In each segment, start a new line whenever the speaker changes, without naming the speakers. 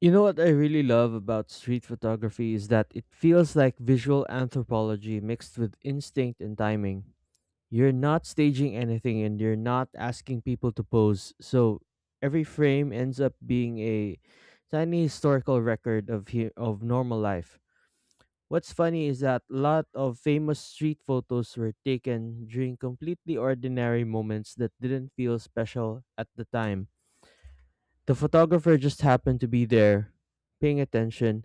You know what I really love about street photography is that it feels like visual anthropology mixed with instinct and timing. You're not staging anything and you're not asking people to pose, so every frame ends up being a tiny historical record of normal life. What's funny is that a lot of famous street photos were taken during completely ordinary moments that didn't feel special at the time. The photographer just happened to be there, paying attention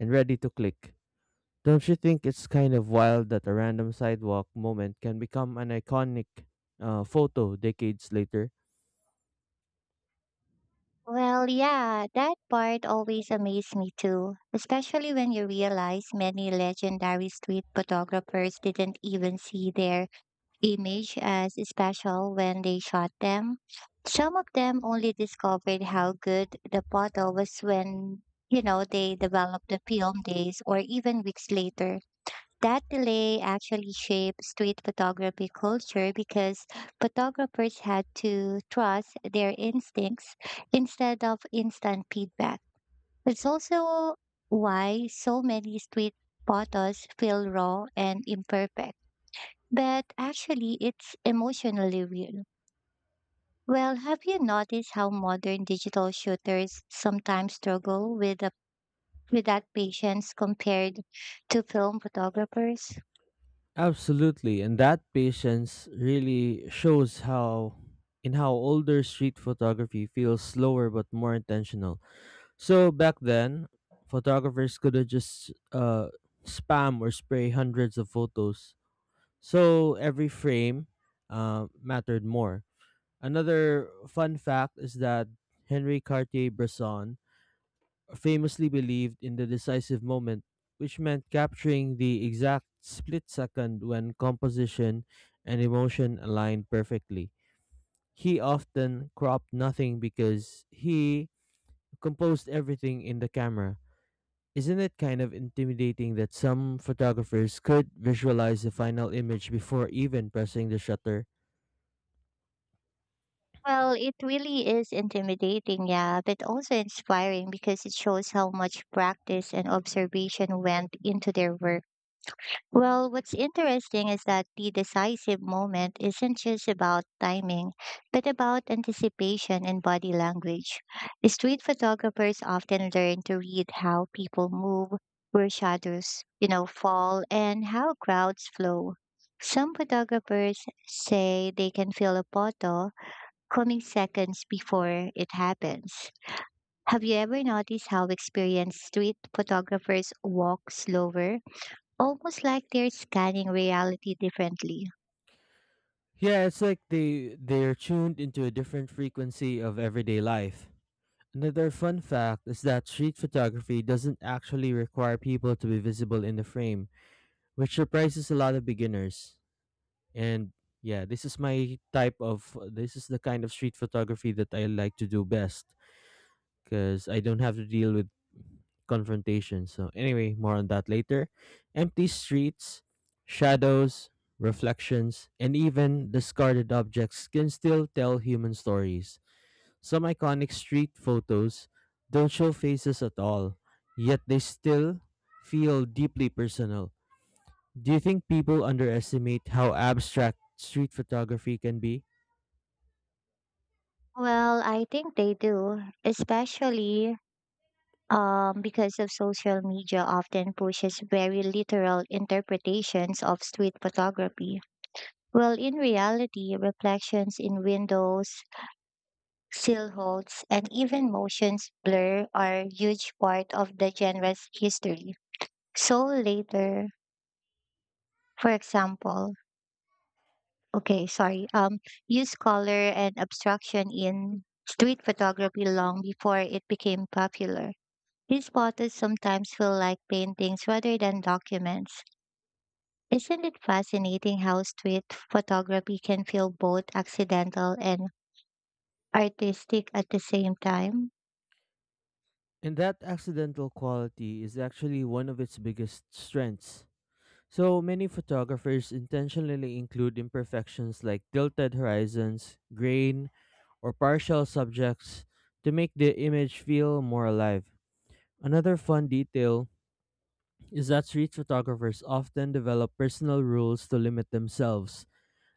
and ready to click. Don't you think it's kind of wild that a random sidewalk moment can become an iconic photo decades later?
Well, yeah, that part always amazed me too, especially when you realize many legendary street photographers didn't even see their image as special when they shot them. Some of them only discovered how good the photo was when they developed the film days or even weeks later. That delay actually shaped street photography culture because photographers had to trust their instincts instead of instant feedback. It's also why so many street photos feel raw and imperfect, but actually it's emotionally real. Well, have you noticed how modern digital shooters sometimes struggle with that patience compared to film photographers?
Absolutely, and that patience really shows how in how older street photography feels slower but more intentional. So back then, photographers could have just spam or spray hundreds of photos. So every frame mattered more. Another fun fact is that Henri Cartier Bresson famously believed in the decisive moment, which meant capturing the exact split second when composition and emotion aligned perfectly. He often cropped nothing because he composed everything in the camera. Isn't it kind of intimidating that some photographers could visualize the final image before even pressing the shutter?
Well, it really is intimidating, yeah, but also inspiring because it shows how much practice and observation went into their work. Well, what's interesting is that the decisive moment isn't just about timing, but about anticipation and body language. Street photographers often learn to read how people move, where shadows fall, and how crowds flow. Some photographers say they can feel a photo coming seconds before it happens. Have you ever noticed how experienced street photographers walk slower, almost like they're scanning reality differently?
Yeah, it's like they're tuned into a different frequency of everyday life. Another fun fact is that street photography doesn't actually require people to be visible in the frame, which surprises a lot of beginners. And yeah, this is the kind of street photography that I like to do best because I don't have to deal with confrontation. So anyway, more on that later. Empty streets, shadows, reflections, and even discarded objects can still tell human stories. Some iconic street photos don't show faces at all, yet they still feel deeply personal. Do you think people underestimate how abstract street photography can be?
Well, I think they do, especially because of social media often pushes very literal interpretations of street photography. Well, in reality, reflections in windows, silhouettes, and even motions blur are huge part of the genre's history. So later, for example, okay, sorry, use color and abstraction in street photography long before it became popular. These photos sometimes feel like paintings rather than documents. Isn't it fascinating how street photography can feel both accidental and artistic at the same time?
And that accidental quality is actually one of its biggest strengths. So many photographers intentionally include imperfections like tilted horizons, grain, or partial subjects to make the image feel more alive. Another fun detail is that street photographers often develop personal rules to limit themselves,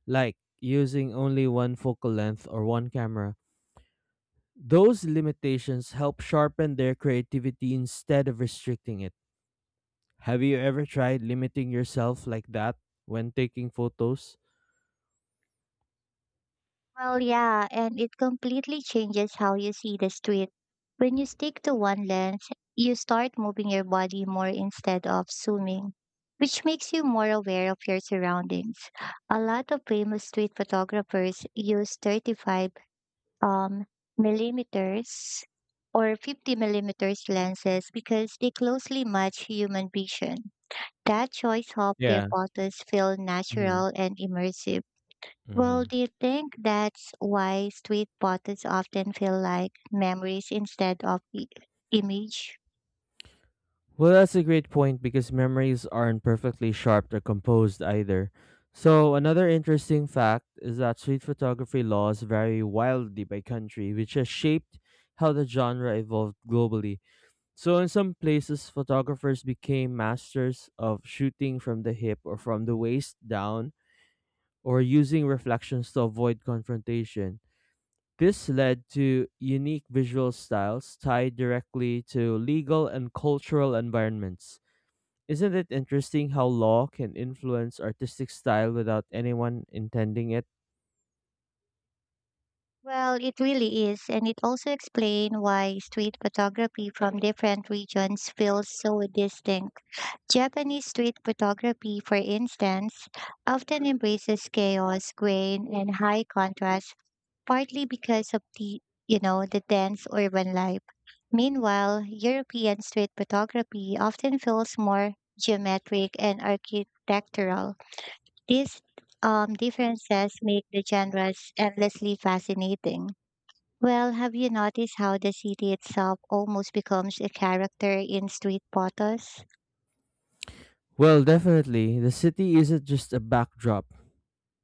like using only one focal length or one camera. Those limitations help sharpen their creativity instead of restricting it. Have you ever tried limiting yourself like that when taking photos?
Well, yeah, and it completely changes how you see the street. When you stick to one lens, you start moving your body more instead of zooming, which makes you more aware of your surroundings. A lot of famous street photographers use 35 mm um, millimeters or 50 mm millimeters lenses because they closely match human vision. That choice helps their
Yeah.
photos feel
Mhm.
natural and immersive. Well, do
Mhm.
you think that's why street photos often feel like memories instead of image?
Well, that's a great point because memories aren't perfectly sharp or composed either. So, another interesting fact is that street photography laws vary wildly by country, which has shaped how the genre evolved globally. So, in some places, photographers became masters of shooting from the hip or from the waist down or using reflections to avoid confrontation. This led to unique visual styles tied directly to legal and cultural environments. Isn't it interesting how law can influence artistic style without anyone intending it?
Well, it really is, and it also explains why street photography from different regions feels so distinct. Japanese street photography, for instance, often embraces chaos, grain, and high contrast, partly because of the the dense urban life. Meanwhile, European street photography often feels more geometric and architectural. These differences make the genres endlessly fascinating. Well, have you noticed how the city itself almost becomes a character in street photos?
Well, definitely, the city isn't just a backdrop,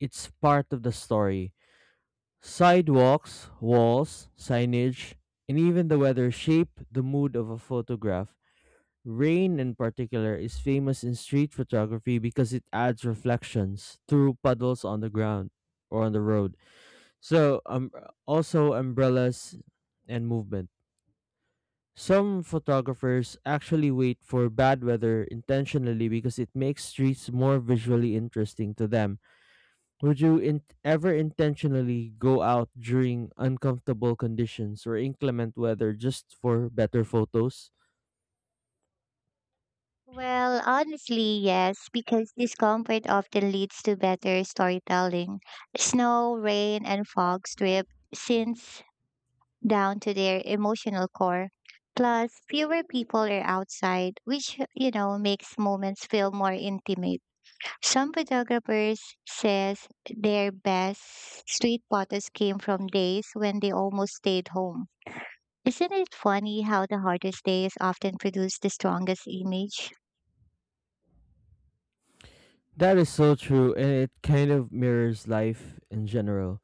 it's part of the story. Sidewalks, walls, signage, and even the weather shape the mood of a photograph. Rain, in particular, is famous in street photography because it adds reflections through puddles on the ground or on the road. So, also umbrellas and movement. Some photographers actually wait for bad weather intentionally because it makes streets more visually interesting to them. Would you ever intentionally go out during uncomfortable conditions or inclement weather just for better photos?
Well, honestly, yes, because discomfort often leads to better storytelling. Snow, rain, and fog strip scenes down to their emotional core. Plus, fewer people are outside, which makes moments feel more intimate. Some photographers says their best street photos came from days when they almost stayed home. Isn't it funny how the hardest days often produce the strongest image?
That is so true, and it kind of mirrors life in general.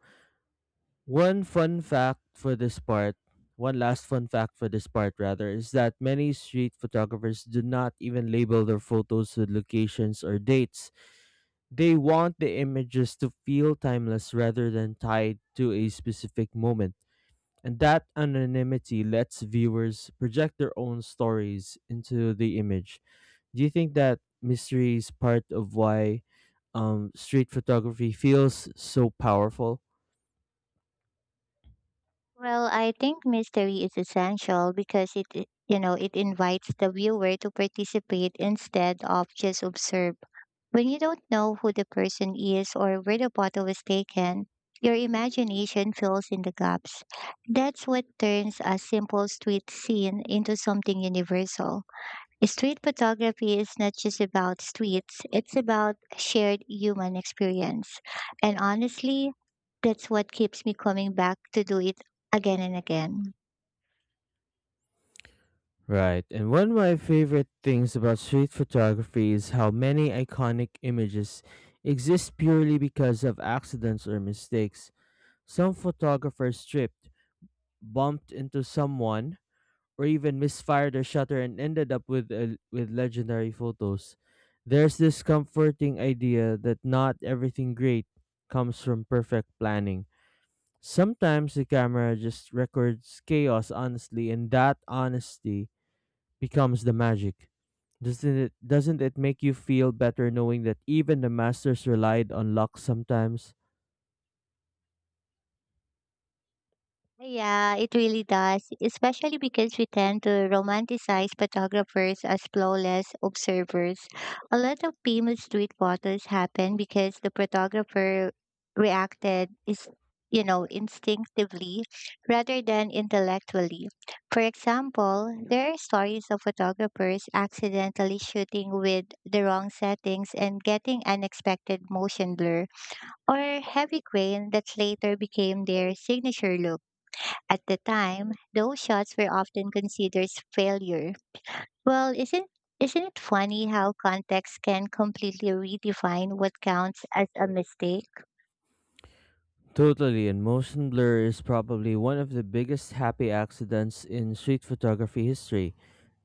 One fun fact for this part, One last fun fact for this part, rather, is that many street photographers do not even label their photos with locations or dates. They want the images to feel timeless rather than tied to a specific moment. And that anonymity lets viewers project their own stories into the image. Do you think that mystery is part of why street photography feels so powerful?
Well, I think mystery is essential because it invites the viewer to participate instead of just observe. When you don't know who the person is or where the bottle was taken, your imagination fills in the gaps. That's what turns a simple street scene into something universal. Street photography is not just about streets, it's about shared human experience. And honestly, that's what keeps me coming back to do it again and again.
Right. And one of my favorite things about street photography is how many iconic images exist purely because of accidents or mistakes. Some photographers tripped, bumped into someone, or even misfired their shutter and ended up with with legendary photos. There's this comforting idea that not everything great comes from perfect planning. Sometimes the camera just records chaos honestly, and that honesty becomes the magic. Doesn't it make you feel better knowing that even the masters relied on luck sometimes?
Yeah, it really does, especially because we tend to romanticize photographers as flawless observers. A lot of famous street photos happen because the photographer reacted is instinctively rather than intellectually. For example, there are stories of photographers accidentally shooting with the wrong settings and getting unexpected motion blur or heavy grain that later became their signature look. At the time, those shots were often considered failure. Well, isn't it funny how context can completely redefine what counts as a mistake?
Totally, and motion blur is probably one of the biggest happy accidents in street photography history.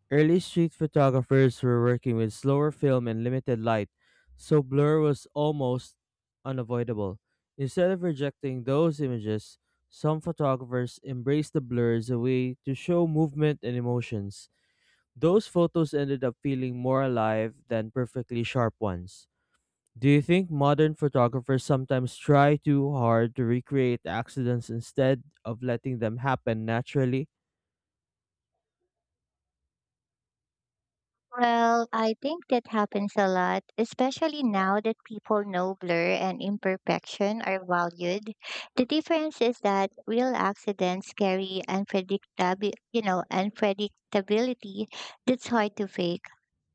Early street photographers were working with slower film and limited light, so blur was almost unavoidable. Instead of rejecting those images, some photographers embraced the blur as a way to show movement and emotions. Those photos ended up feeling more alive than perfectly sharp ones. Do you think modern photographers sometimes try too hard to recreate accidents instead of letting them happen naturally?
Well, I think that happens a lot, especially now that people know blur and imperfection are valued. The difference is that real accidents carry unpredictability that's hard to fake.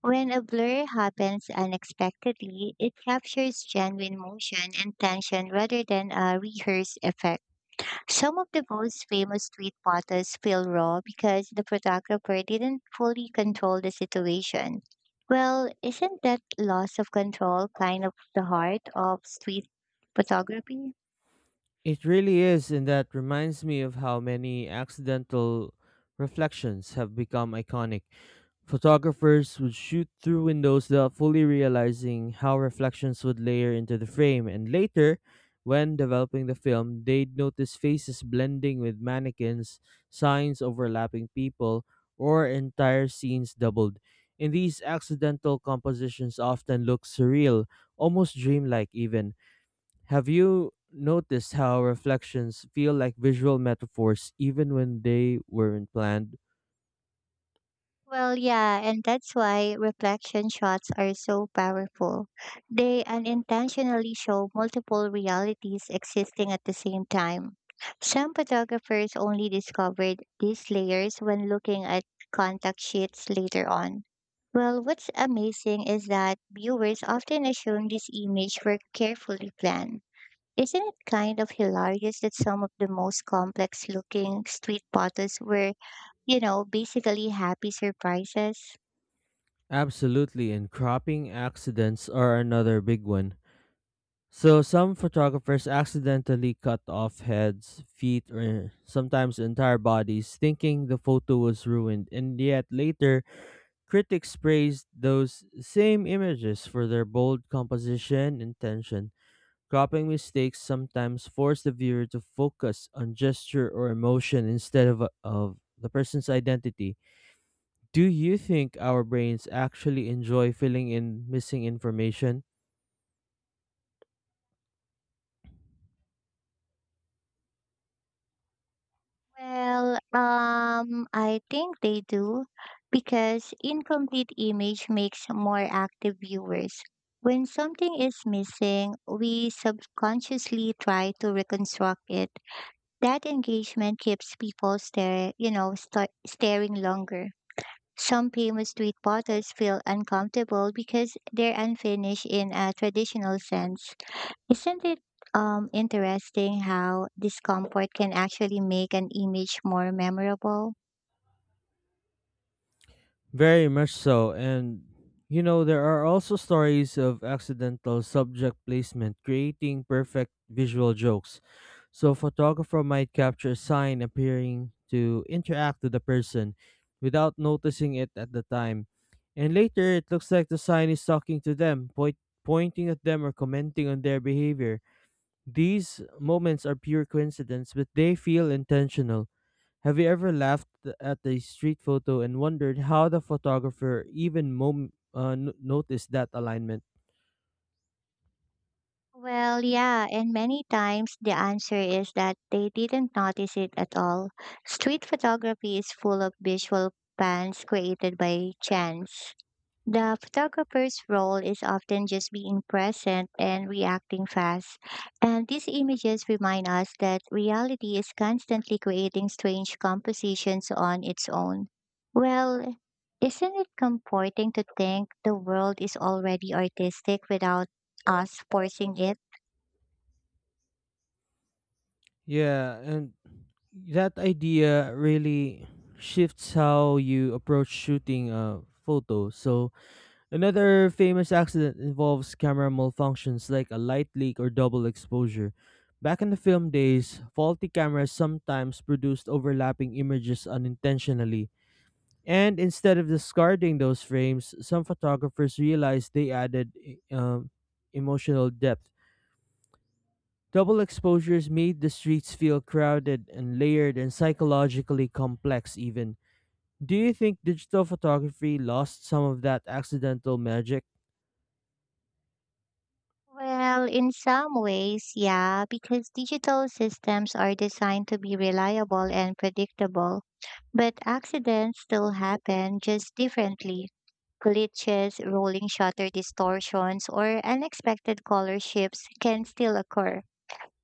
When a blur happens unexpectedly, it captures genuine motion and tension rather than a rehearsed effect. Some of the most famous street photos feel raw because the photographer didn't fully control the situation. Well, isn't that loss of control kind of the heart of street photography?
It really is, and that reminds me of how many accidental reflections have become iconic. Photographers would shoot through windows without fully realizing how reflections would layer into the frame, and later, when developing the film, they'd notice faces blending with mannequins, signs overlapping people, or entire scenes doubled. In these accidental compositions often look surreal, almost dreamlike even. Have you noticed how reflections feel like visual metaphors even when they weren't planned?
Well, yeah, and that's why reflection shots are so powerful. They unintentionally show multiple realities existing at the same time. Some photographers only discovered these layers when looking at contact sheets later on. Well, what's amazing is that viewers often assume these images were carefully planned. Isn't it kind of hilarious that some of the most complex looking street photos were basically happy surprises?
Absolutely, and cropping accidents are another big one. So, some photographers accidentally cut off heads, feet, or sometimes entire bodies, thinking the photo was ruined, and yet later, critics praised those same images for their bold composition and tension. Cropping mistakes sometimes force the viewer to focus on gesture or emotion instead of the person's identity. Do you think our brains actually enjoy filling in missing information?
Well, I think they do because incomplete image makes more active viewers. When something is missing, we subconsciously try to reconstruct it. That engagement keeps people stare, you know, sta- staring longer. Some famous street bottles feel uncomfortable because they're unfinished in a traditional sense. Isn't it interesting how discomfort can actually make an image more memorable?
Very much so. And, you know, there are also stories of accidental subject placement creating perfect visual jokes. So, a photographer might capture a sign appearing to interact with a person without noticing it at the time. And later, it looks like the sign is talking to them, pointing at them, or commenting on their behavior. These moments are pure coincidence, but they feel intentional. Have you ever laughed at a street photo and wondered how the photographer even noticed that alignment?
Well, yeah, and many times the answer is that they didn't notice it at all. Street photography is full of visual pans created by chance. The photographer's role is often just being present and reacting fast. And these images remind us that reality is constantly creating strange compositions on its own. Well, isn't it comforting to think the world is already artistic without us forcing it?
Yeah, and that idea really shifts how you approach shooting a photo. So, another famous accident involves camera malfunctions like a light leak or double exposure. Back in the film days, faulty cameras sometimes produced overlapping images unintentionally. And instead of discarding those frames, some photographers realized they added emotional depth. Double exposures made the streets feel crowded and layered and psychologically complex, even. Do you think digital photography lost some of that accidental magic?
Well, in some ways, yeah, because digital systems are designed to be reliable and predictable, but accidents still happen just differently. Glitches, rolling shutter distortions, or unexpected color shifts can still occur.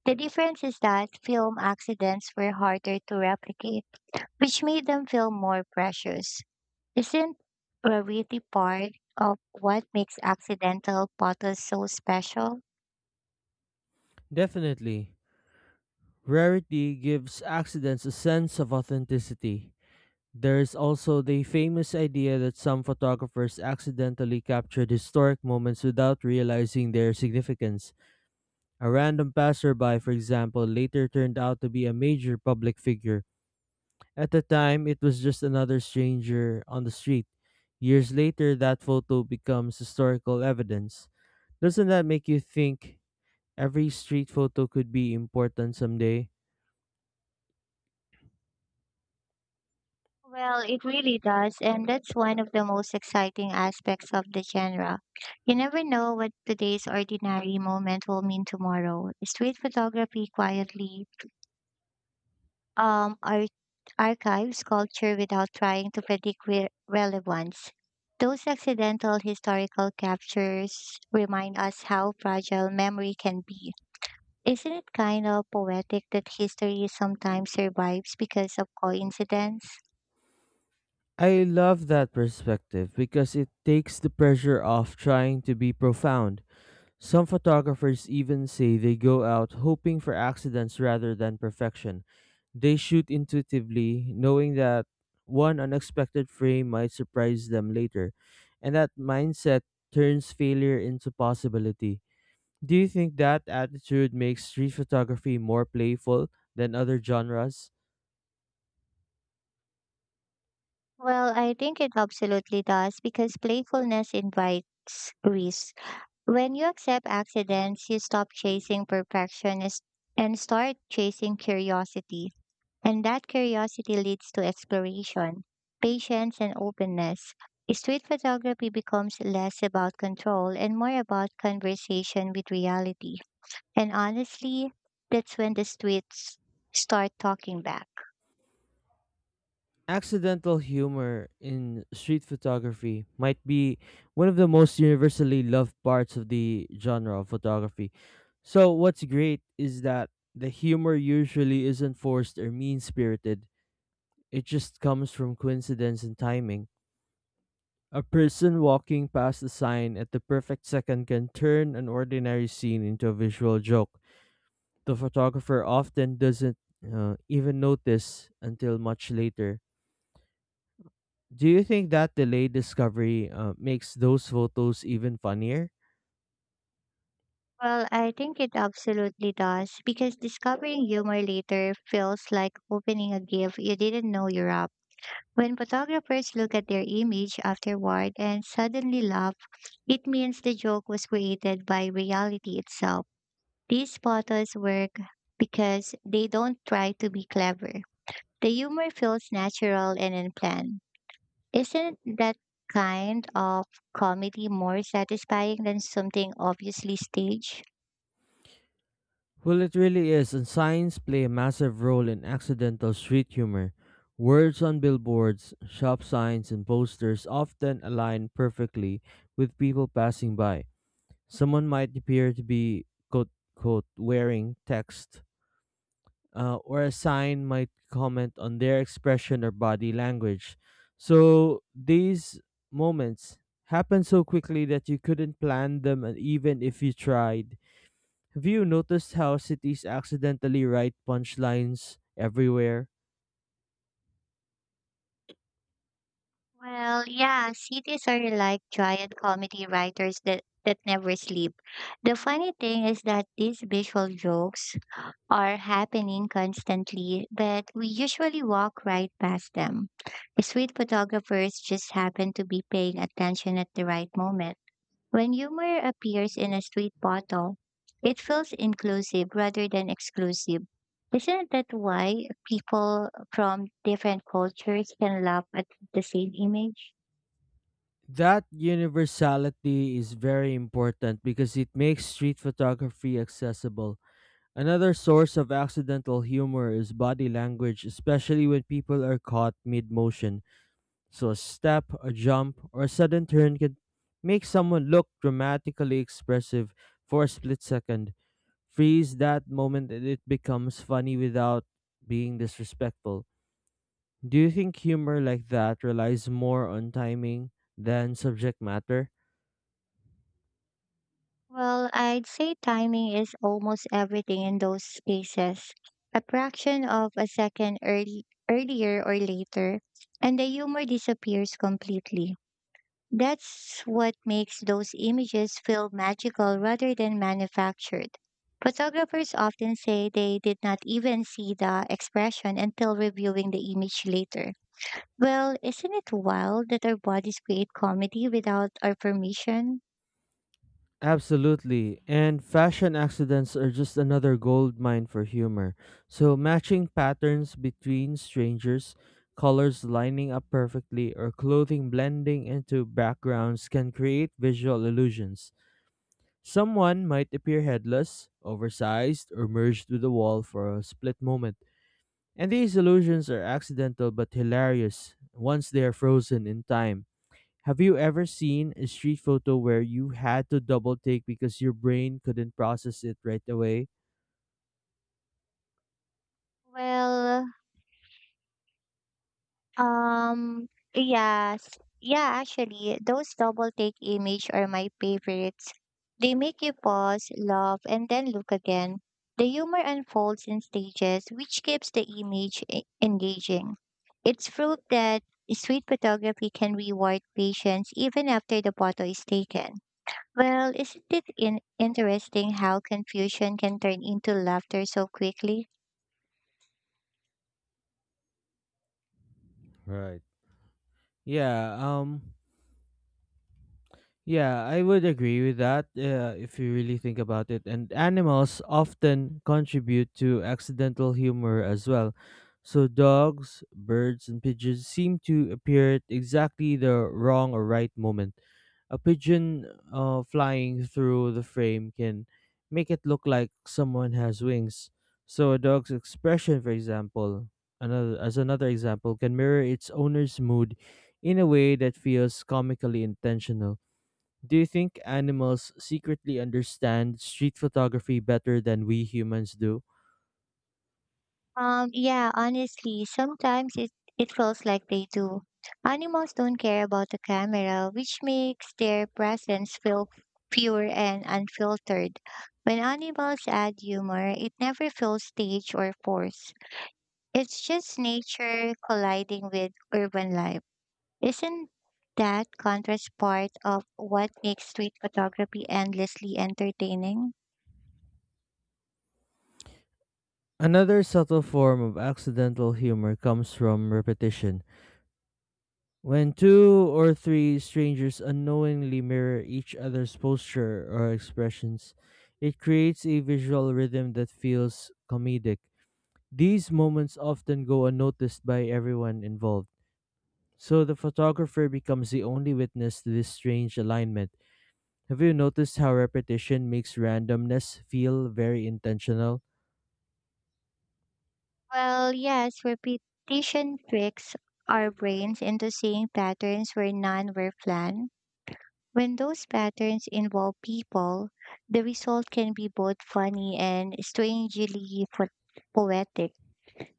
The difference is that film accidents were harder to replicate, which made them feel more precious. Isn't rarity part of what makes accidental photos so special?
Definitely. Rarity gives accidents a sense of authenticity. There is also the famous idea that some photographers accidentally captured historic moments without realizing their significance. A random passerby, for example, later turned out to be a major public figure. At the time, it was just another stranger on the street. Years later, that photo becomes historical evidence. Doesn't that make you think every street photo could be important someday?
Well, it really does, and that's one of the most exciting aspects of the genre. You never know what today's ordinary moment will mean tomorrow. Street photography quietly um, ar- archives culture without trying to predict relevance. Those accidental historical captures remind us how fragile memory can be. Isn't it kind of poetic that history sometimes survives because of coincidence?
I love that perspective because it takes the pressure off trying to be profound. Some photographers even say they go out hoping for accidents rather than perfection. They shoot intuitively, knowing that one unexpected frame might surprise them later, and that mindset turns failure into possibility. Do you think that attitude makes street photography more playful than other genres?
Well, I think it absolutely does because playfulness invites risk. When you accept accidents, you stop chasing and start chasing curiosity. And that curiosity leads to exploration, patience, and openness. Street photography becomes less about control and more about conversation with reality. And honestly, that's when the streets start talking back.
Accidental humor in street photography might be one of the most universally loved parts of the genre of photography. So, what's great is that the humor usually isn't forced or mean spirited, it just comes from coincidence and timing. A person walking past a sign at the perfect second can turn an ordinary scene into a visual joke. The photographer often doesn't even notice until much later. Do you think that delayed discovery makes those photos even funnier?
Well, I think it absolutely does because discovering humor later feels like opening a gift you didn't know you're up. When photographers look at their image afterward and suddenly laugh, it means the joke was created by reality itself. These photos work because they don't try to be clever. The humor feels natural and unplanned. Isn't that kind of comedy more satisfying than something obviously staged?
Well, it really is, and signs play a massive role in accidental street humor. Words on billboards, shop signs, and posters often align perfectly with people passing by. Someone might appear to be quote, wearing text, or a sign might comment on their expression or body language. So these moments happen so quickly that you couldn't plan them, and even if you tried. Have you noticed how cities accidentally write punchlines everywhere?
Well, yeah, cities are like giant comedy writers that never sleep. The funny thing is that these visual jokes are happening constantly, but we usually walk right past them. Street photographers just happen to be paying attention at the right moment. When humor appears in a street bottle, it feels inclusive rather than exclusive. Isn't that why people from different cultures can laugh at the same image?
That universality is very important because it makes street photography accessible. Another source of accidental humor is body language, especially when people are caught mid motion. So a step, a jump, or a sudden turn can make someone look dramatically expressive for a split second. Freeze that moment and it becomes funny without being disrespectful. Do you think humor like that relies more on timing than subject matter?
Well, I'd say timing is almost everything in those cases. A fraction of a second earlier or later, and the humor disappears completely. That's what makes those images feel magical rather than manufactured. Photographers often say they did not even see the expression until reviewing the image later. Well, isn't it wild that our bodies create comedy without our permission?
Absolutely. And fashion accidents are just another gold mine for humor. So matching patterns between strangers, colors lining up perfectly, or clothing blending into backgrounds can create visual illusions. Someone might appear headless, oversized, or merged with the wall for a split moment. And these illusions are accidental but hilarious once they are frozen in time. Have you ever seen a street photo where you had to double take because your brain couldn't process it right away?
Well, Um, yes. Yeah, actually, those double take image are my favorites. They make you pause, laugh, and then look again. The humor unfolds in stages, which keeps the image engaging. It's proof that street photography can reward patience even after the photo is taken. Well, isn't it interesting how confusion can turn into laughter so quickly?
Right. Yeah, um yeah, I would agree with that if you really think about it. And animals often contribute to accidental humor as well. So dogs, birds, and pigeons seem to appear at exactly the wrong or right moment. A pigeon flying through the frame can make it look like someone has wings. So a dog's expression, for example, another example, can mirror its owner's mood in a way that feels comically intentional. Do you think animals secretly understand street photography better than we humans do?
Yeah, honestly, it feels like they do. Animals don't care about the camera, which makes their presence feel pure and unfiltered. When animals add humor, it never feels staged or forced. It's just nature colliding with urban life. Isn't that contrast part of what makes street photography endlessly entertaining?
Another subtle form of accidental humor comes from repetition. When two or three strangers unknowingly mirror each other's posture or expressions, it creates a visual rhythm that feels comedic. These moments often go unnoticed by everyone involved, so the photographer becomes the only witness to this strange alignment. Have you noticed how repetition makes randomness feel very intentional?
Well, yes, repetition tricks our brains into seeing patterns where none were planned. When those patterns involve people, the result can be both funny and strangely poetic.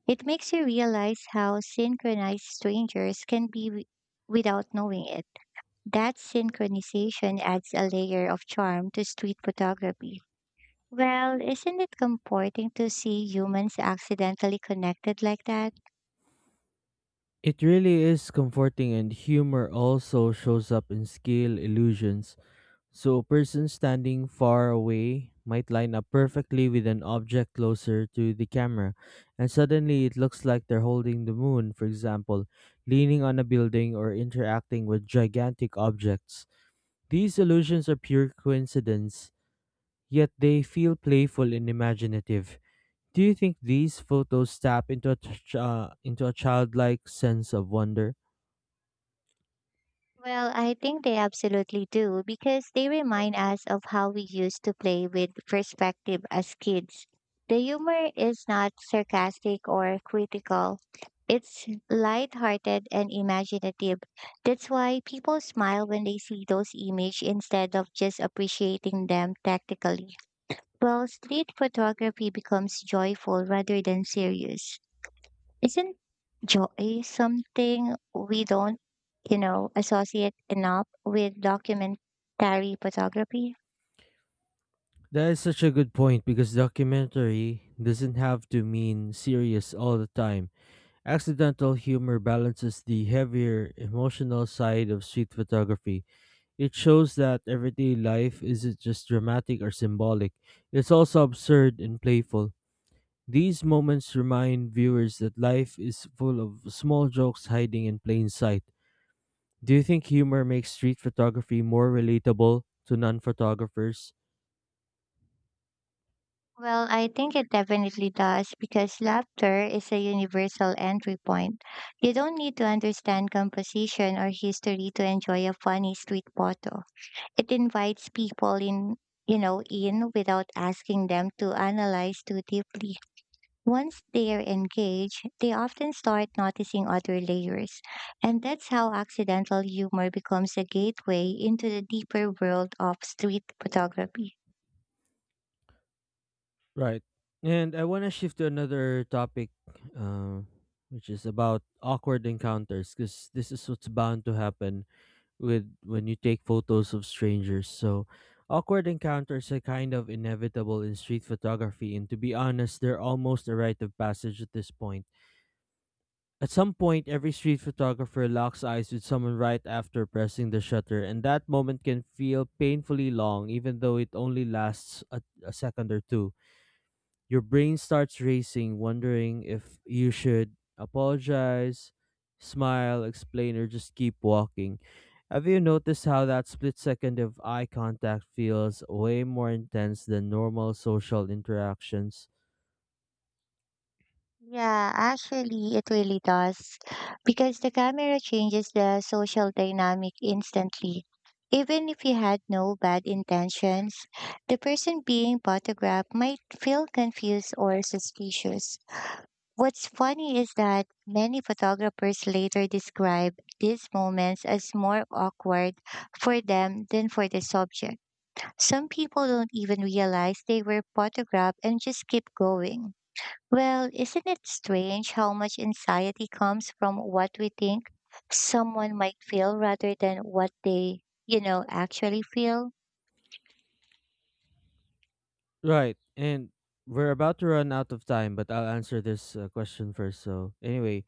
It makes you realize how synchronized strangers can be without knowing it. That synchronization adds a layer of charm to street photography. Well, isn't it comforting to see humans accidentally connected like that?
It really is comforting, and humor also shows up in scale illusions. So a person standing far away might line up perfectly with an object closer to the camera, and suddenly it looks like they're holding the moon, for example, leaning on a building or interacting with gigantic objects. These illusions are pure coincidence, yet they feel playful and imaginative. Do you think these photos tap into into a childlike sense of wonder?
Well, I think they absolutely do because they remind us of how we used to play with perspective as kids. The humor is not sarcastic or critical. It's lighthearted and imaginative. That's why people smile when they see those images instead of just appreciating them tactically. Well, street photography becomes joyful rather than serious. Isn't joy something we don't associate enough with documentary photography?
That is such a good point, because documentary doesn't have to mean serious all the time. Accidental humor balances the heavier emotional side of street photography. It shows that everyday life isn't just dramatic or symbolic, it's also absurd and playful. These moments remind viewers that life is full of small jokes hiding in plain sight. Do you think humor makes street photography more relatable to non photographers?
Well, I think it definitely does because laughter is a universal entry point. You don't need to understand composition or history to enjoy a funny street photo. It invites people in without asking them to analyze too deeply. Once they are engaged, they often start noticing other layers. And that's how accidental humor becomes a gateway into the deeper world of street photography.
Right. And I want to shift to another topic, uh, which is about awkward encounters, because this is what's bound to happen with when you take photos of strangers. So, awkward encounters are kind of inevitable in street photography, and to be honest, they're almost a rite of passage at this point. At some point, every street photographer locks eyes with someone right after pressing the shutter, and that moment can feel painfully long, even though it only lasts a second or two. Your brain starts racing, wondering if you should apologize, smile, explain, or just keep walking. Have you noticed how that split second of eye contact feels way more intense than normal social interactions?
Yeah, actually, it really does. Because the camera changes the social dynamic instantly. Even if you had no bad intentions, the person being photographed might feel confused or suspicious. What's funny is that many photographers later describe these moments as more awkward for them than for the subject. Some people don't even realize they were photographed and just keep going. Well, isn't it strange how much anxiety comes from what we think someone might feel rather than what they actually feel?
Right, and we're about to run out of time, but I'll answer this question first. So, anyway,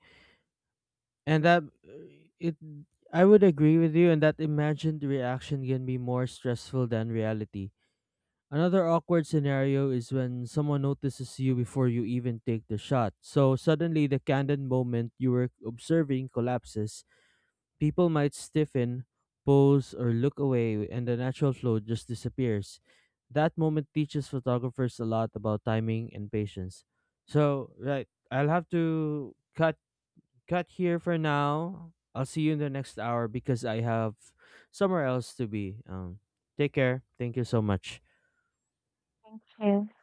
and that it I would agree with you, and that imagined reaction can be more stressful than reality. Another awkward scenario is when someone notices you before you even take the shot. So suddenly, the candid moment you were observing collapses. People might stiffen, pose, or look away, and the natural flow just disappears. That moment teaches photographers a lot about timing and patience. So, right, I'll have to cut here for now. I'll see you in the next hour because I have somewhere else to be. Take care. Thank you so much.
Yeah.